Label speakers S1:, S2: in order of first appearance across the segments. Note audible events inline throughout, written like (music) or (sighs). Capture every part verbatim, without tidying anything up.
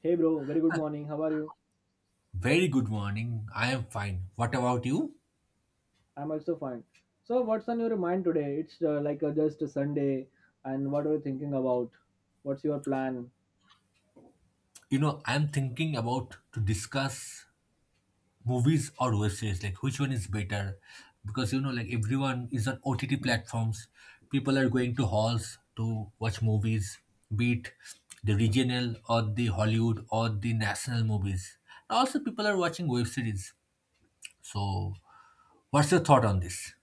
S1: Hey bro, very good morning. How are you?
S2: Very good morning. I am fine. What about you?
S1: I'm also fine. So, what's on your mind today? It's uh, like uh, just a Sunday, and what are you thinking about? What's your plan?
S2: You know, I'm thinking about to discuss movies or web series, like which one is better. Because you know, like everyone is on O T T platforms. People are going to halls to watch movies, be it the regional or the Hollywood or the national movies. Also, people are watching web series. So, what's your thought on this?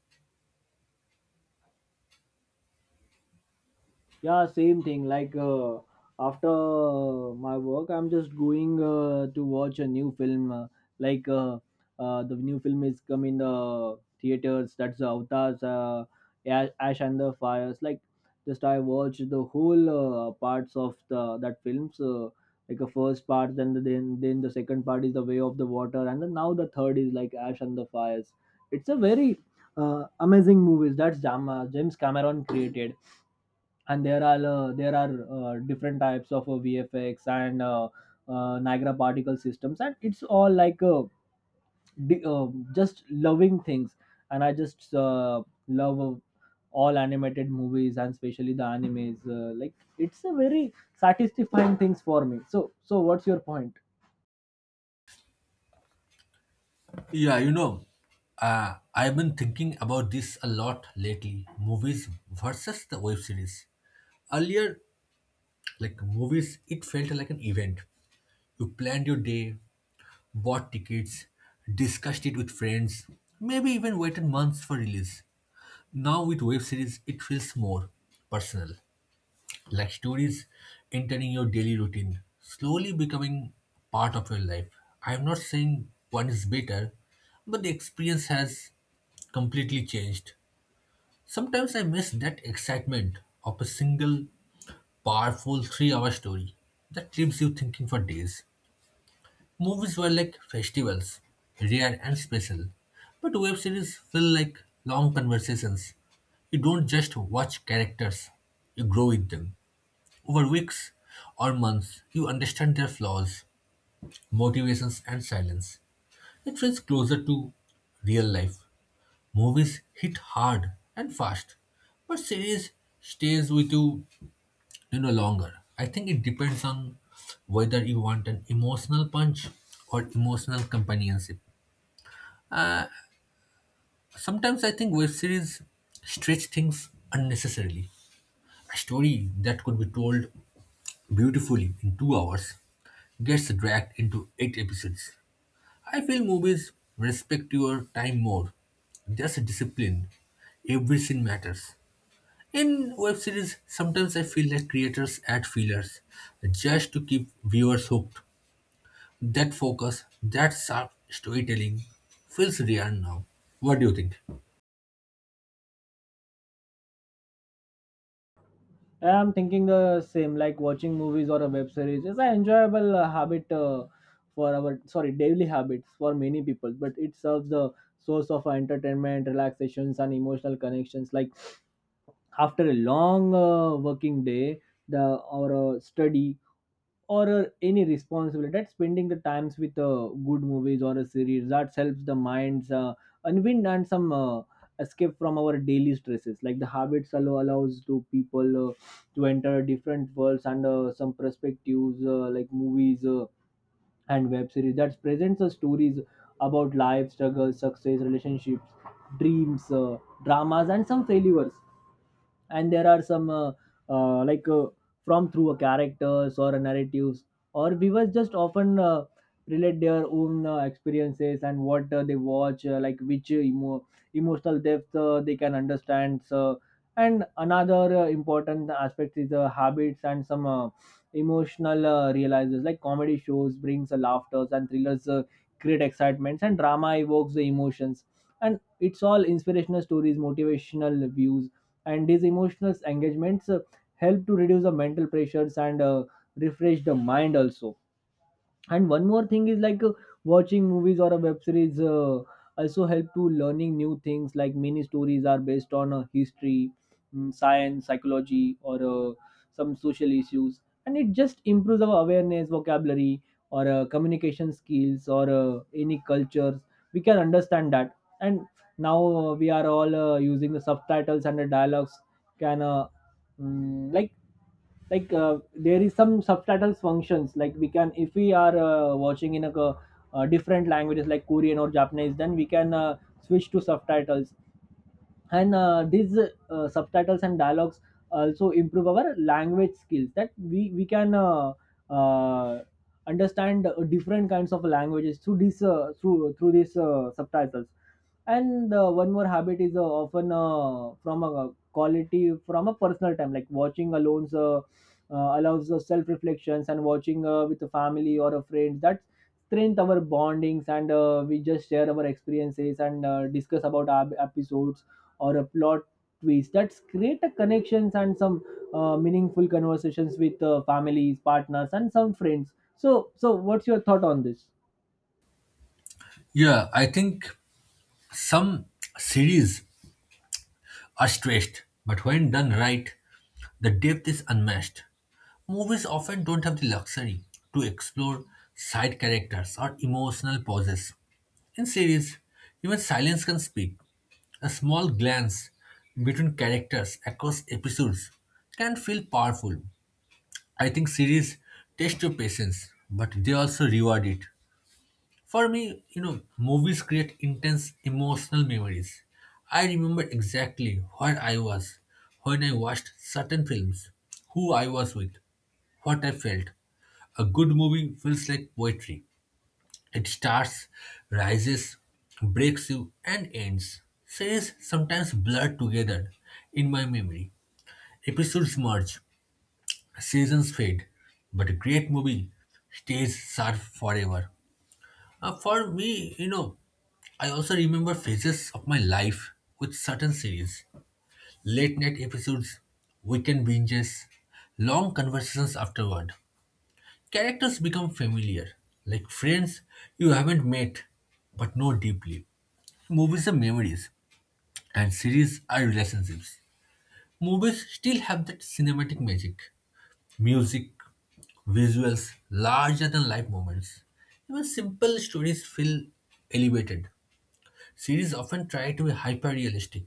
S1: Yeah, same thing. Like uh, after my work, I'm just going uh, to watch a new film. Uh, like uh, uh, the new film is come in the theaters. That's the Avatars, uh, Ash Ash and the Fires. Like just I watched the whole uh, parts of the that film. So like a first part, then the, then then the second part is the Way of the Water, and then now the third is like Ash and the Fires. It's a very uh, amazing movies. That's Jam- James Cameron created, and there are uh, there are uh, different types of uh, V F X and uh, uh, Niagara particle systems, and it's all like uh, di- uh, just loving things. And I just uh, love uh, all animated movies, and especially the animes. Uh, like it's a very satisfying things for me. So so what's your point?
S2: Yeah, you know, uh, I've been thinking about this a lot lately. Movies versus the web series. Earlier, like movies, it felt like an event. You planned your day, bought tickets, discussed it with friends, maybe even waited months for release. Now with web series, it feels more personal, like stories entering your daily routine, slowly becoming part of your life. I'm not saying one is better, but the experience has completely changed. Sometimes I miss that excitement of a single powerful three hour story that leaves you thinking for days. Movies were like festivals, rare and special, but web series feel like long conversations. You don't just watch characters, you grow with them. Over weeks or months, you understand their flaws, motivations, and silence. It feels closer to real life. Movies hit hard and fast, but series stays with you, you know, longer. I think it depends on whether you want an emotional punch or emotional companionship. Sometimes I think web series stretch things unnecessarily. A story that could be told beautifully in two hours gets dragged into eight episodes. I feel movies respect your time more. Just discipline. Every scene matters. In web series, sometimes I feel like creators add fillers just to keep viewers hooked. That focus, that sharp storytelling feels rare now. What do you think?
S1: I'm thinking the same, like watching movies or a web series is an enjoyable uh, habit uh, for our sorry daily habits for many people, but it serves the source of entertainment, relaxations, and emotional connections. Like after a long uh, working day, the or a study or uh, any responsibility, that spending the times with uh, good movies or a series that helps the minds uh, unwind, and some uh, escape from our daily stresses. Like the habits allow allows to people uh, to enter different worlds and uh, some perspectives, uh, like movies uh, and web series that presents uh, stories about life struggles, success, relationships, dreams, uh, dramas, and some failures. And there are some uh, uh, like uh, from through a characters or a narratives or viewers just often uh, relate their own uh, experiences and what uh, they watch, uh, like which emo- emotional depth uh, they can understand. So and another uh, important aspect is uh, habits and some uh, emotional uh, realizers, like comedy shows brings uh, laughters, and thrillers uh, create excitements, and drama evokes the emotions, and it's all inspirational stories, motivational views. And these emotional engagements uh, help to reduce the mental pressures and uh, refresh the mind also. And one more thing is like uh, watching movies or a web series uh, also help to learning new things, like many stories are based on uh, history, mm, science, psychology, or uh, some social issues, and it just improves our awareness, vocabulary, or uh, communication skills, or uh, any cultures we can understand that. And now uh, we are all uh, using the subtitles, and the dialogues can uh, Mm, like like uh, there is some subtitles functions, like we can, if we are uh, watching in a, co- uh different languages like Korean or Japanese, then we can uh, switch to subtitles. And uh, these uh, subtitles and dialogues also improve our language skills, that we we can uh, uh, understand uh, different kinds of languages through this uh, through through these uh, subtitles. And uh, one more habit is uh, often uh, from a quality, from a personal time, like watching alone uh, uh, allows us self reflections, and watching uh, with a family or a friend that strength our bondings. And uh, we just share our experiences and uh, discuss about our episodes or a plot twist, that's create a connections and some uh, meaningful conversations with uh, families, partners, and some friends. So so what's your thought on this?
S2: Yeah, I think some series are stretched, but when done right, the depth is unmatched. Movies often don't have the luxury to explore side characters or emotional pauses. In series, even silence can speak. A small glance between characters across episodes can feel powerful. I think series test your patience, but they also reward it. For me, you know, movies create intense emotional memories. I remember exactly where I was when I watched certain films, who I was with, what I felt. A good movie feels like poetry. It starts, rises, breaks you, and ends. Series sometimes blur together in my memory. Episodes merge, seasons fade, but a great movie stays sharp forever. Uh, for me, you know, I also remember phases of my life with certain series, late night episodes, weekend binges, long conversations afterward. Characters become familiar, like friends you haven't met but know deeply. Movies are memories, and series are relationships. Movies still have that cinematic magic, music, visuals, larger than life moments. Even simple stories feel elevated. Series often try to be hyper realistic,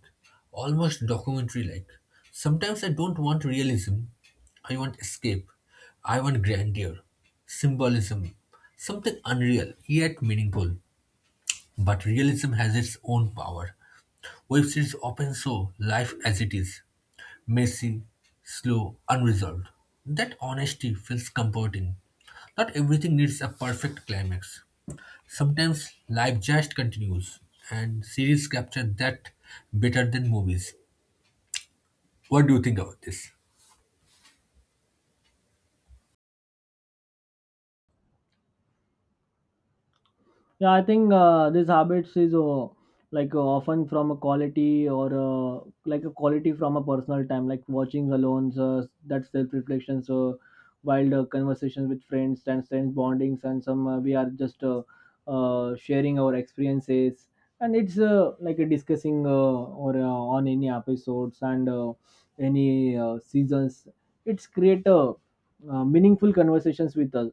S2: almost documentary like. Sometimes I don't want realism, I want escape, I want grandeur, symbolism, something unreal yet meaningful. But realism has its own power. Web series often show life as it is, messy, slow, unresolved. That honesty feels comforting. Not everything needs a perfect climax. Sometimes life just continues, and series capture that better than movies. What do you think about this?
S1: Yeah, I think uh, this habits is uh, like uh, often from a quality, or uh, like a quality from a personal time, like watching alone, uh, that self reflection. So, wild uh, conversations with friends, and friends bondings, and some uh, we are just uh, uh, sharing our experiences, and it's uh, like a discussing uh, or uh, on any episodes and uh, any uh, seasons. It's create a uh, meaningful conversations with us,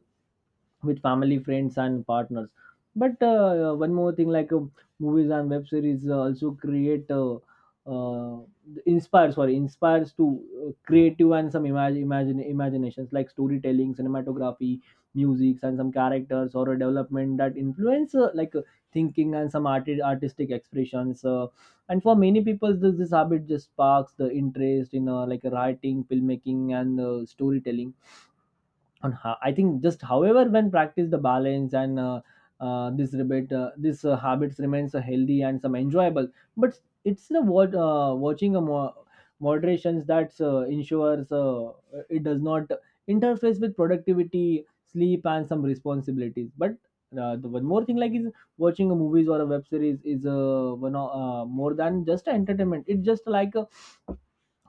S1: with family, friends, and partners. But uh, one more thing, like um movies and web series uh, also create, uh, uh, inspire, sorry, inspires to uh, creative and some imag imagine imaginations, like storytelling, cinematography, music, and some characters or a development that influence uh, like uh, thinking and some art- artistic expressions. Uh, and for many people, this, this habit just sparks the interest in uh, like writing, filmmaking, and uh, storytelling. On how I think just however when practice the balance and uh, uh, this rebate uh, this uh, habits remains uh, healthy and some enjoyable. But it's the what uh, watching a mo- moderations that uh, ensures uh, it does not interface with productivity, sleep, and some responsibilities. But uh, the one more thing like is watching a movies or a web series is uh, one o- uh, more than just entertainment, it's just like a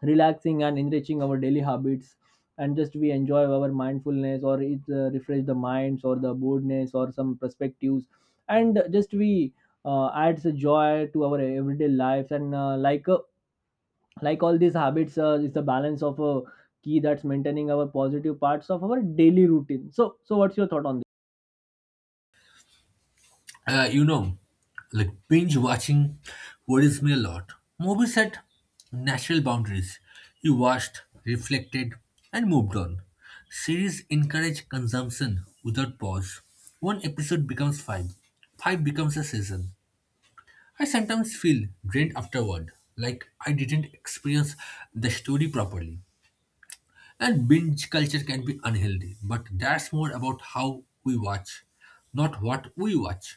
S1: relaxing and enriching our daily habits. And just we enjoy our mindfulness, or it uh, refresh the minds or the boredness or some perspectives. And just we uh, adds a joy to our everyday lives. And uh, like uh, like all these habits uh, is the balance of a key that's maintaining our positive parts of our daily routine. So so what's your thought on this?
S2: Uh, you know, like binge watching worries me a lot. Movies had natural boundaries. You watched, reflected, and moved on. Series encourage consumption without pause. One episode becomes five, five becomes a season. I sometimes feel drained afterward, like I didn't experience the story properly. And binge culture can be unhealthy, but that's more about how we watch, not what we watch.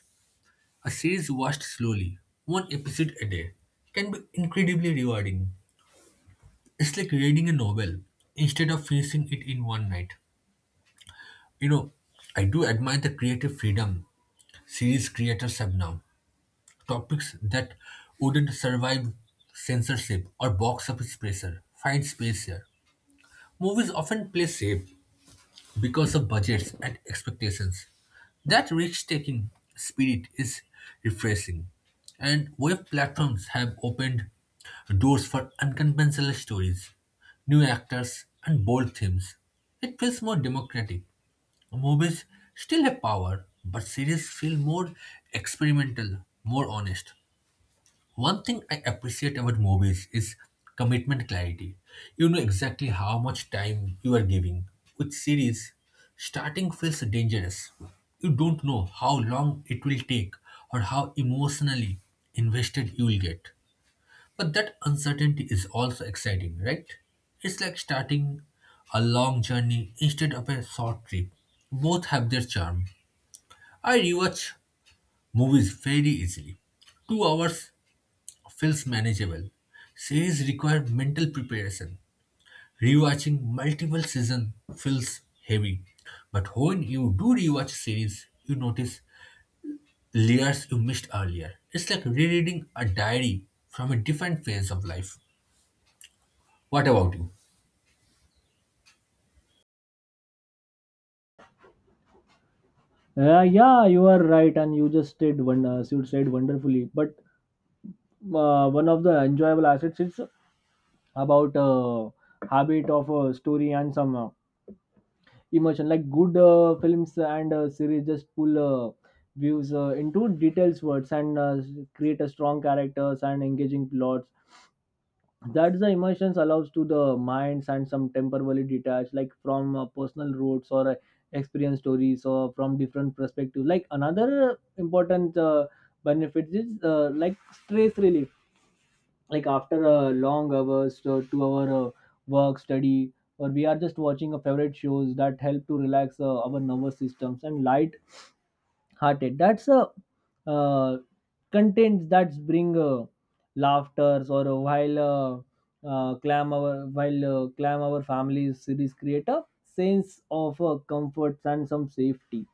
S2: A series watched slowly, one episode a day, can be incredibly rewarding. It's like reading a novel instead of finishing it in one night. You know, I do admire the creative freedom series creators have now. Topics that wouldn't survive censorship or box office pressure find space here. Movies often play safe, because of budgets and expectations. That risk taking spirit is refreshing. And web platforms have opened doors for unconventional stories, new actors, and bold themes. It feels more democratic. Movies still have power, but series feel more experimental, more honest. One thing I appreciate about movies is commitment clarity. You know exactly how much time you are giving. With series, starting feels dangerous. You don't know how long it will take or how emotionally invested you will get. But that uncertainty is also exciting, right? It's like starting a long journey instead of a short trip. Both have their charm. I rewatch movies very easily. Two hours feels manageable. Series require mental preparation. Rewatching multiple seasons feels heavy. But when you do rewatch series, you notice layers you missed earlier. It's like rereading a diary from a different phase of life. What about you?
S1: Yeah, yeah, you are right, and you just did one. Uh, you said wonderfully. But uh, one of the enjoyable assets is about uh, habit of uh, story and some uh, emotion, like good uh, films and uh, series just pull uh, views uh, into details words and uh, create a strong characters and engaging plots, that's the emotions allows to the minds and some temporarily detached like from uh, personal roots or uh, experience stories or from different perspective. Like another important uh, benefit is uh, like stress relief, like after a long hours uh, two hour uh, work, study, or we are just watching a favorite shows that help to relax uh, our nervous systems and light hearted. That's a uh, contents that bring uh, laughters or uh, while uh, uh, clam our while uh, clam our families series create a sense of uh, comfort and some safety.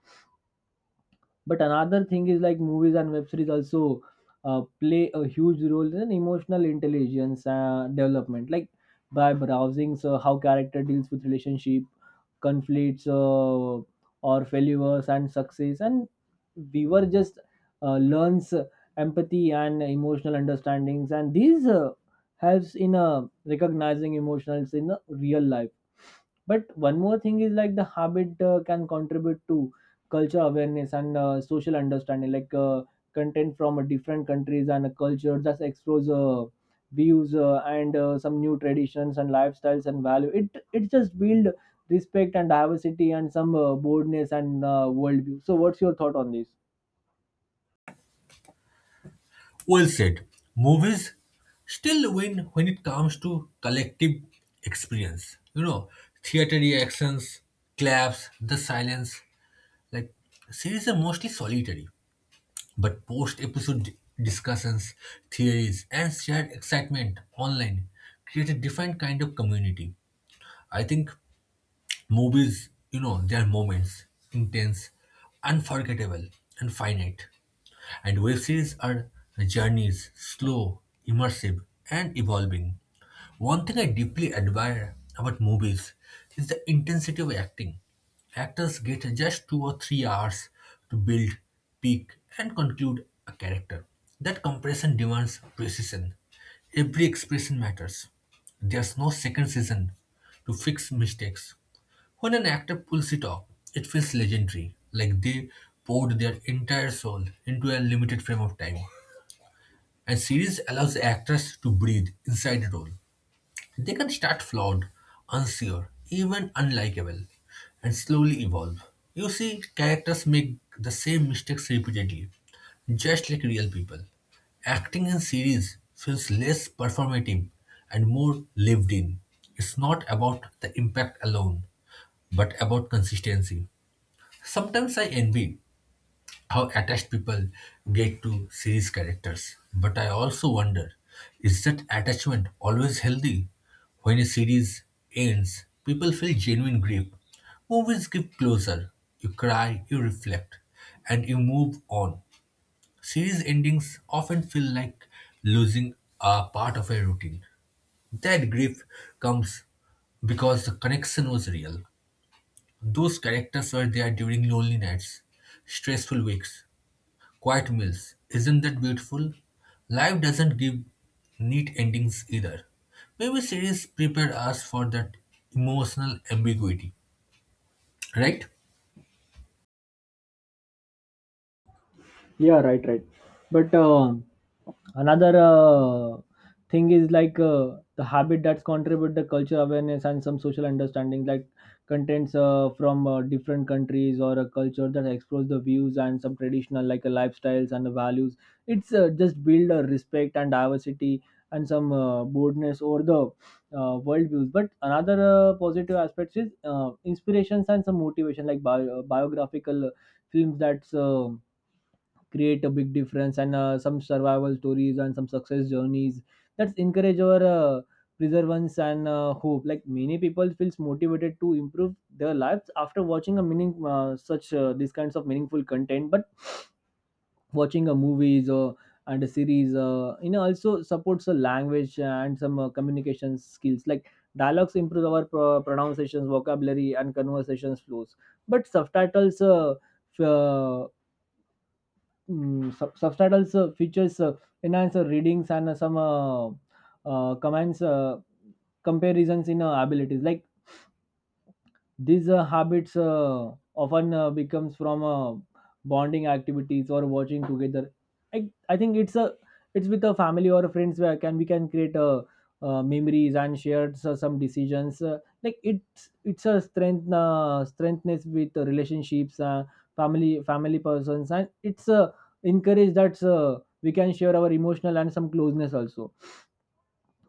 S1: But another thing is like movies and web series also uh, play a huge role in emotional intelligence uh, development, like by browsing so how character deals with relationship conflicts, uh, or failures and success, and viewer just uh, learns empathy and emotional understandings, and these uh, helps in uh, recognizing emotions in uh, real life. But one more thing is like the habit uh, can contribute to culture awareness and uh, social understanding, like uh, content from uh, different countries and uh, cultures just explores uh, views uh, and uh, some new traditions and lifestyles and value, it it just build respect and diversity and some uh, boldness and uh, worldview. So what's your thought on this?
S2: Well said. Movies still win when it comes to collective experience. You know, theater reactions, claps, the silence. Like series are mostly solitary. But post episode discussions, theories, and shared excitement online create a different kind of community. I think movies, you know, their moments, intense, unforgettable, and finite. And web series are journeys, slow, immersive, and evolving. One thing I deeply admire about movies is the intensity of acting. Actors get just two or three hours to build, peak, and conclude a character. That compression demands precision. Every expression matters. There's no second season to fix mistakes. When an actor pulls it off, it feels legendary, like they poured their entire soul into a limited frame of time. And series allows actors to breathe inside the role. They can start flawed, unsure, even unlikable, and slowly evolve. You see, characters make the same mistakes repeatedly, just like real people. Acting in series feels less performative and more lived in. It's not about the impact alone, but about consistency. Sometimes I envy how attached people get to series characters, but I also wonder, is that attachment always healthy? When a series ends, people feel genuine grief. Movies give closure. You cry, you reflect, and you move on. Series endings often feel like losing a part of a routine. That grief comes because the connection was real. Those characters were there during lonely nights, stressful weeks, quiet meals. Isn't that beautiful? Life doesn't give neat endings either. Maybe series prepare us for that emotional ambiguity, right?
S1: Yeah, right, right. But um another uh, thing is like uh, the habit that's contribute the culture awareness and some social understanding, like contents uh, from uh, different countries or a culture, that explores the views and some traditional like uh, lifestyles and the values. It's uh, just build a respect and diversity and some uh, boldness over the uh, world views. But another uh, positive aspect is uh, inspirations and some motivation, like bio- uh, biographical uh, films that's uh, create a big difference and uh, some survival stories and some success journeys, that's encourage our uh, perseverance and uh, hope. Like many people feels motivated to improve their lives after watching a meaning uh, such uh, these kinds of meaningful content. But watching a movies or and a series, uh, you know, also supports a language and some uh, communication skills, like dialogues improve our pro- pronunciations, vocabulary, and conversations flows. But subtitles uh, f- uh, Mm, sub- subtitles also features uh, enhanced readings and uh, some uh, uh, commands uh, comparisons in uh, abilities. Like these uh, habits uh, often uh, becomes from uh, bonding activities or watching together. I, I think it's a it's with a family or friends where can we can create uh uh, memories and share so- some decisions. Uh, like it's it's a strength uh, strengthness with the relationships, uh, family family persons, and it's uh, encourage that uh, we can share our emotional and some closeness also.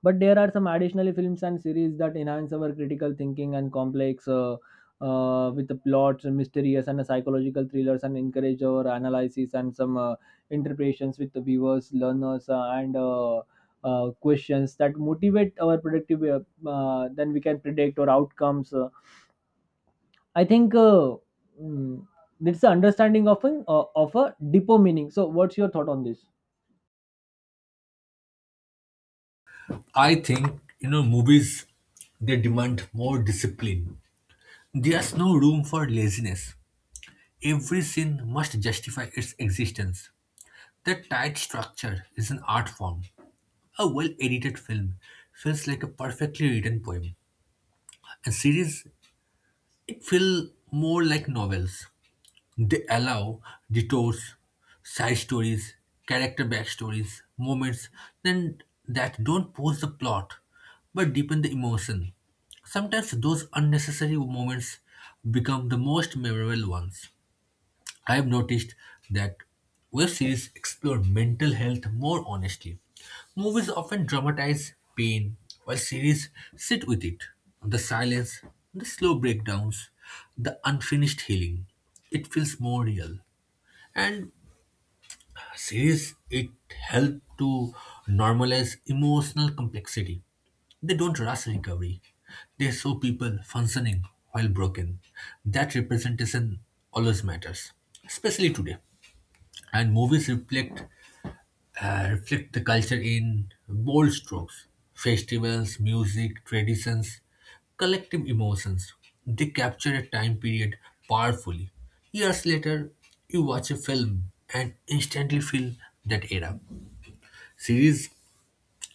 S1: But there are some additional films and series that enhance our critical thinking and complex uh, uh, with the plots, and mysterious and psychological thrillers, and encourage our analysis and some uh, interpretations with the viewers, learners, uh, and uh, uh, questions that motivate our productive. Uh, uh, then we can predict our outcomes. Uh, I think uh, mm, it's the understanding of an uh, of a deeper meaning. So, what's your thought on this?
S2: I think, you know, movies, they demand more discipline. There's no room for laziness. Every scene must justify its existence. That tight structure is an art form. A well-edited film feels like a perfectly written poem. And series, it feel more like novels. They allow detours, side stories, character backstories, moments then that don't push the plot but deepen the emotion. Sometimes those unnecessary moments become the most memorable ones. I've noticed that web series explore mental health more honestly. Movies often dramatize pain, while series sit with it. The silence, the slow breakdowns, the unfinished healing. It feels more real. And series, it help to normalize emotional complexity. They don't rush recovery. They show people functioning while broken. That representation always matters, especially today. And movies reflect uh, reflect the culture in bold strokes, festivals, music, traditions, collective emotions. They capture a time period powerfully. Years later, you watch a film and instantly feel that era. Series,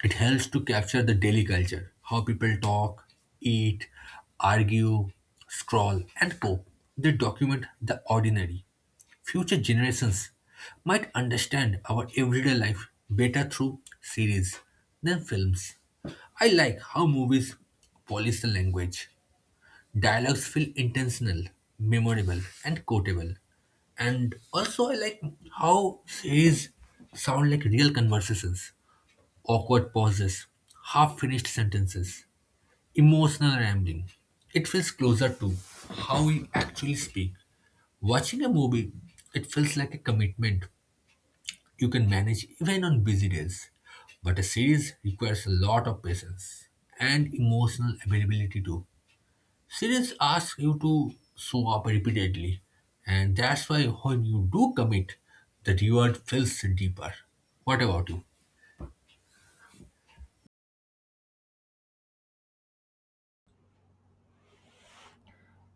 S2: it helps to capture the daily culture, how people talk, eat, argue, scroll, and cope. They document the ordinary. Future generations might understand our everyday life better through series than films. I like how movies polish the language. Dialogues feel intentional, memorable, and quotable. And also, I like how series sound like real conversations. Awkward pauses, half finished sentences, emotional rambling. It feels closer to how we actually speak. Watching a movie, it feels like a commitment you can manage even on busy days. But a series requires a lot of patience and emotional availability too. Series asks you to show up repeatedly, and that's why when you do commit, the reward feels deeper. What about you?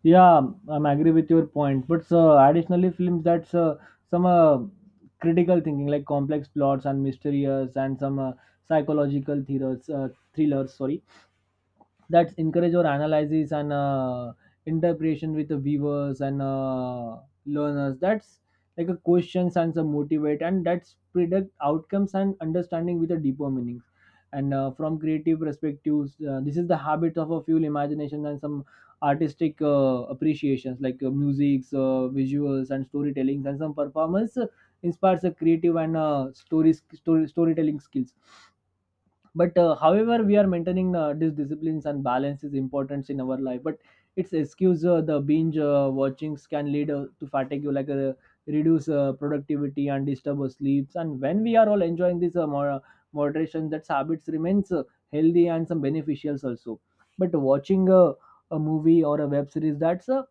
S1: Yeah, I'm agree with your point. But so additionally, films that's uh, some uh, critical thinking, like complex plots and mysterious and some uh, psychological thrillers, uh, thrillers. Sorry, that encourage or analyzes and uh, interpretation with the viewers and uh, learners, that's like a questions and some motivate and that's predict outcomes and understanding with a deeper meaning and uh, from creative perspectives. Uh, this is the habit of a few imagination and some artistic uh, appreciations like uh, musics, uh, visuals and storytelling and some performance uh, inspires a creative and uh, story, story storytelling skills. But uh, however, we are maintaining uh, these disciplines, and balance is important in our life, but it's excuse uh, the binge uh, watchings can lead uh, to fatigue, like uh, reduce uh, productivity and disturb our sleeps. And when we are all enjoying this uh, mo- uh, moderation that habits remains uh, healthy and some beneficials also. But watching a, a movie or a web series, that's a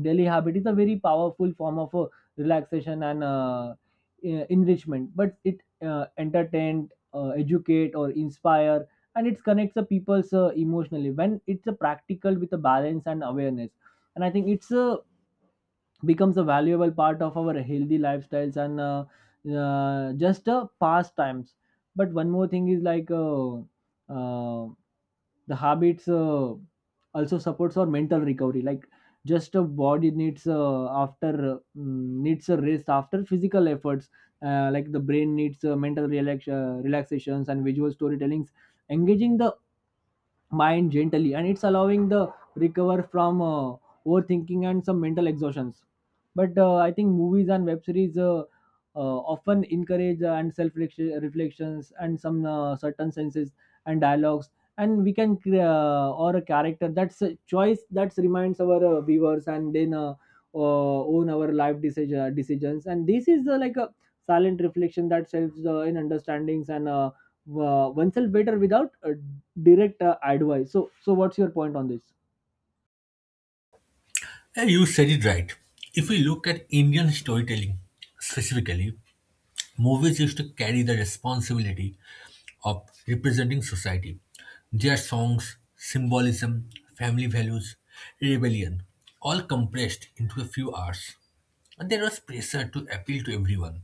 S1: daily habit, is a very powerful form of uh, relaxation and uh, e- enrichment. But it uh, entertain, uh, educate or inspire, and it connects the people's uh, emotionally when it's a practical with a balance and awareness. And I think it's a becomes a valuable part of our healthy lifestyles and uh, uh, just uh, pastimes. But one more thing is like, uh, uh, the habits uh, also supports our mental recovery. Like, just a body needs, uh, after uh, mm, needs a rest after physical efforts. Uh, like the brain needs uh, mental relax- uh, relaxations and visual storytellings. Engaging the mind gently and it's allowing the recover from uh, overthinking and some mental exhaustions. But uh, I think movies and web series uh, uh, often encourage uh, and self reflections and some uh, certain senses and dialogues. And we can cre- uh, or a character that's a choice that reminds our uh, viewers, and then uh, uh, own our life decision, decisions. And this is uh, like a silent reflection that helps uh, in understandings and uh, uh, oneself better without uh, direct uh, advice. So, so what's your point on this?
S2: Yeah, you said it right. If we look at Indian storytelling specifically, movies used to carry the responsibility of representing society. Their songs, symbolism, family values, rebellion, all compressed into a few hours. And there was pressure to appeal to everyone.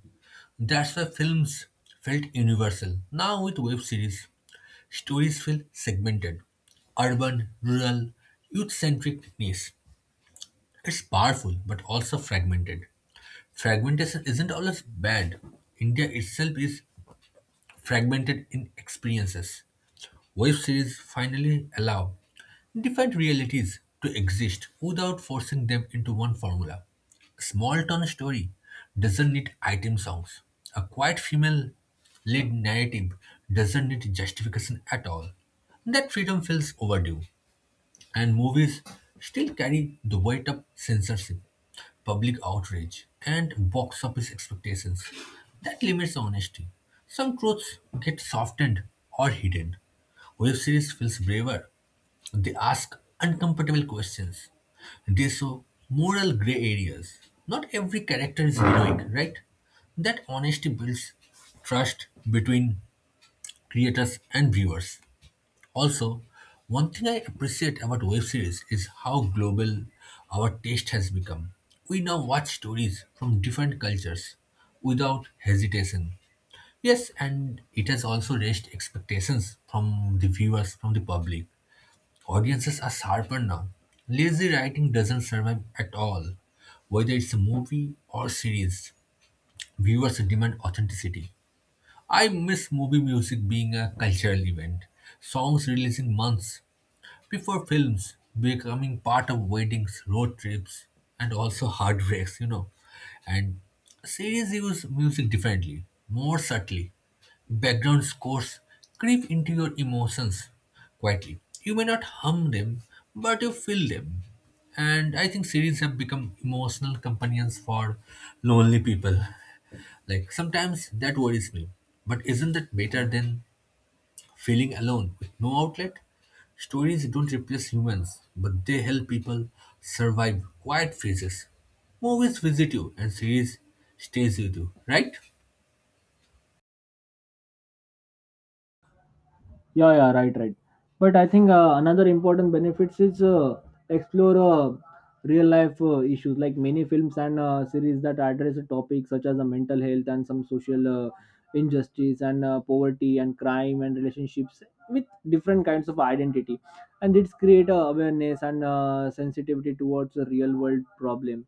S2: That's why films felt universal. Now, with web series, stories feel segmented: urban, rural, youth centric, niche. It's powerful but also fragmented. Fragmentation isn't always bad. India itself is fragmented in experiences. Web series finally allow different realities to exist without forcing them into one formula. A small town story doesn't need item songs. A quiet female lead narrative doesn't need justification at all. That freedom feels overdue. And movies still carry the weight of censorship, public outrage, and box office expectations. That limits honesty. Some truths get softened or hidden. Web series feels braver. They ask uncomfortable questions. They show moral gray areas. Not every character is heroic, right? That honesty builds trust between creators and viewers. Also, one thing I appreciate about web series is how global our taste has become. We now watch stories from different cultures without hesitation. Yes, and it has also raised expectations from the viewers, from the public. Audiences are sharper now. Lazy writing doesn't survive at all. Whether it's a movie or series, viewers demand authenticity. I miss movie music being a cultural event, songs releasing months before films, becoming part of weddings, road trips, and also heartbreaks, you know. And series use music differently, more subtly. Background scores creep into your emotions quietly. You may not hum them, but you feel them. And I think series have become emotional companions for lonely people. Like sometimes that worries me. But isn't that better than feeling alone with no outlet? Stories don't replace humans, but they help people survive quiet phases. Movies visit you and series stays with you, right?
S1: Yeah, yeah, right, right. But I think uh, another important benefits is uh, explore uh, real life uh, issues, like many films and uh, series that address topics such as uh, mental health and some social uh, injustice and uh, poverty and crime and relationships with different kinds of identity. And it's create uh, awareness and uh, sensitivity towards the real world problem.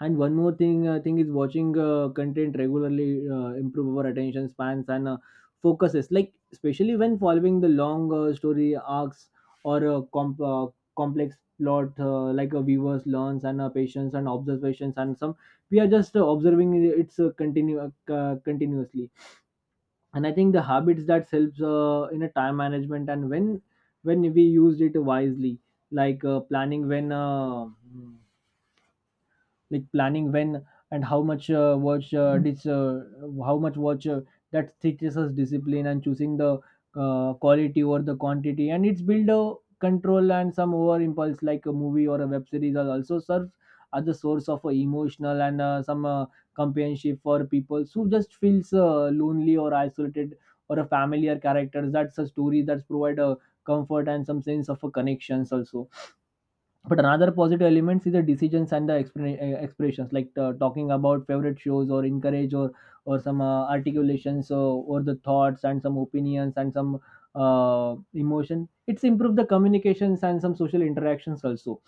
S1: And one more thing I think is watching uh, content regularly uh, improve our attention spans and uh, focuses, like especially when following the long uh, story arcs or uh, comp- uh, complex plot, uh, like a viewers learns and uh, patience and observations, and some we are just uh, observing it's uh, continue uh, continuously. And I think the habits that helps uh, in a time management and when when we used it wisely, like uh, planning when uh, like planning when and how much uh, watch uh, dis, uh, how much watch, uh, that teaches us discipline and choosing the uh, quality over the quantity. And it's build a control and some over impulse, like a movie or a web series are also serve as a source of uh, emotional and uh, some uh, companionship for people who just feels uh, lonely or isolated, or a familiar characters, that's a story that's provide a comfort and some sense of a connections also. But another positive elements is the decisions and the explan- uh, expressions, like uh, talking about favorite shows or encourage, or or some uh, articulations or, or the thoughts and some opinions and some uh, emotion, it's improved the communications and some social interactions also.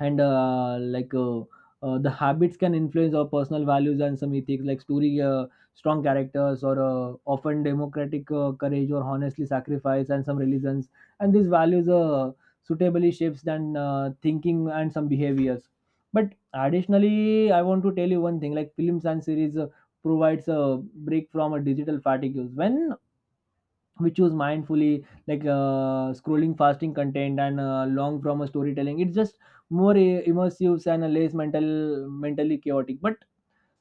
S1: And uh, like uh, uh, The habits can influence our personal values and some ethics, like story, uh, strong characters or uh, often democratic uh, courage or honestly sacrifice and some religions. And these values uh, suitably shapes then uh, thinking and some behaviors. But additionally, I want to tell you one thing, like films and series uh, provides a break from a digital fatigue. When we choose mindfully, like uh, scrolling fasting content and uh, long from a storytelling, it's just more uh, immersive and less mental mentally chaotic. But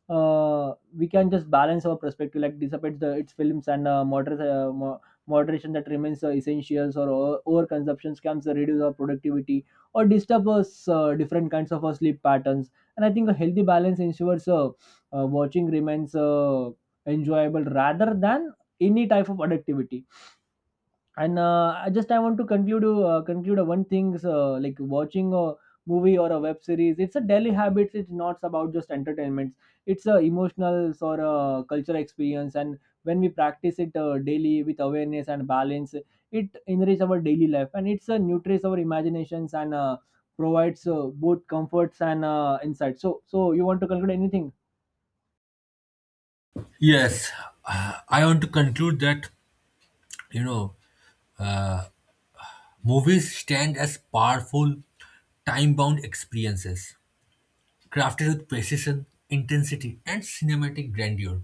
S1: uh, we can just balance our perspective, like dissipates the its films and uh, moder- uh, mo- moderation that remains uh, essentials, or o- over consumptions can reduce our productivity or disturb us uh, different kinds of our sleep patterns. And I think a healthy balance ensures uh, uh, watching remains uh, enjoyable rather than any type of addictivity. And uh, I just I want to conclude uh, conclude uh, one thing, uh, like watching a movie or a web series, it's a daily habit, it's not about just entertainment. It's a emotional or a cultural experience, and when we practice it uh, daily with awareness and balance, it enriches our daily life, and it's a uh, nutrients our imaginations and uh, provides uh, both comforts and uh, insights. So, so you want to conclude anything?
S2: Yes, uh, I want to conclude that, you know, movies stand as powerful, time bound experiences, crafted with precision, intensity, and cinematic grandeur.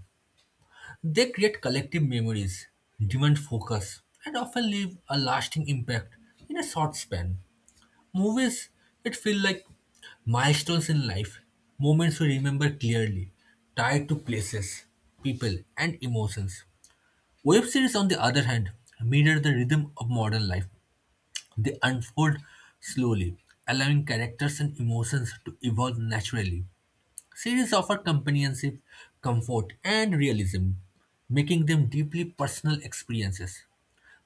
S2: They create collective memories, demand focus, and often leave a lasting impact in a short span. Movies, it feel like milestones in life, moments we remember clearly, tied to places, people, and emotions. Web series, on the other hand, mirror the rhythm of modern life. They unfold slowly, allowing characters and emotions to evolve naturally. Series offer companionship, comfort, and realism, making them deeply personal experiences.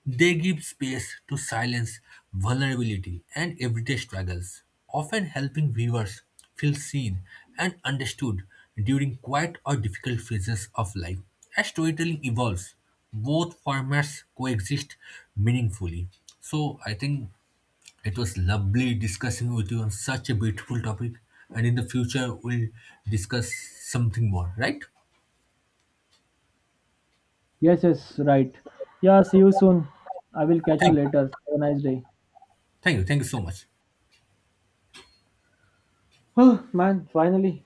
S2: They give space to silence, vulnerability, and everyday struggles, often helping viewers feel seen and understood during quiet or difficult phases of life. As storytelling evolves, both formats coexist meaningfully. So I think it was lovely discussing with you on such a beautiful topic, and in the future we'll discuss something more, right?
S1: Yes, yes. Right. Yeah, see you soon. I will catch you
S2: Thank,
S1: later.
S2: you.
S1: Have a nice day.
S2: Thank you, thank you so much.
S1: (sighs) Oh man, finally.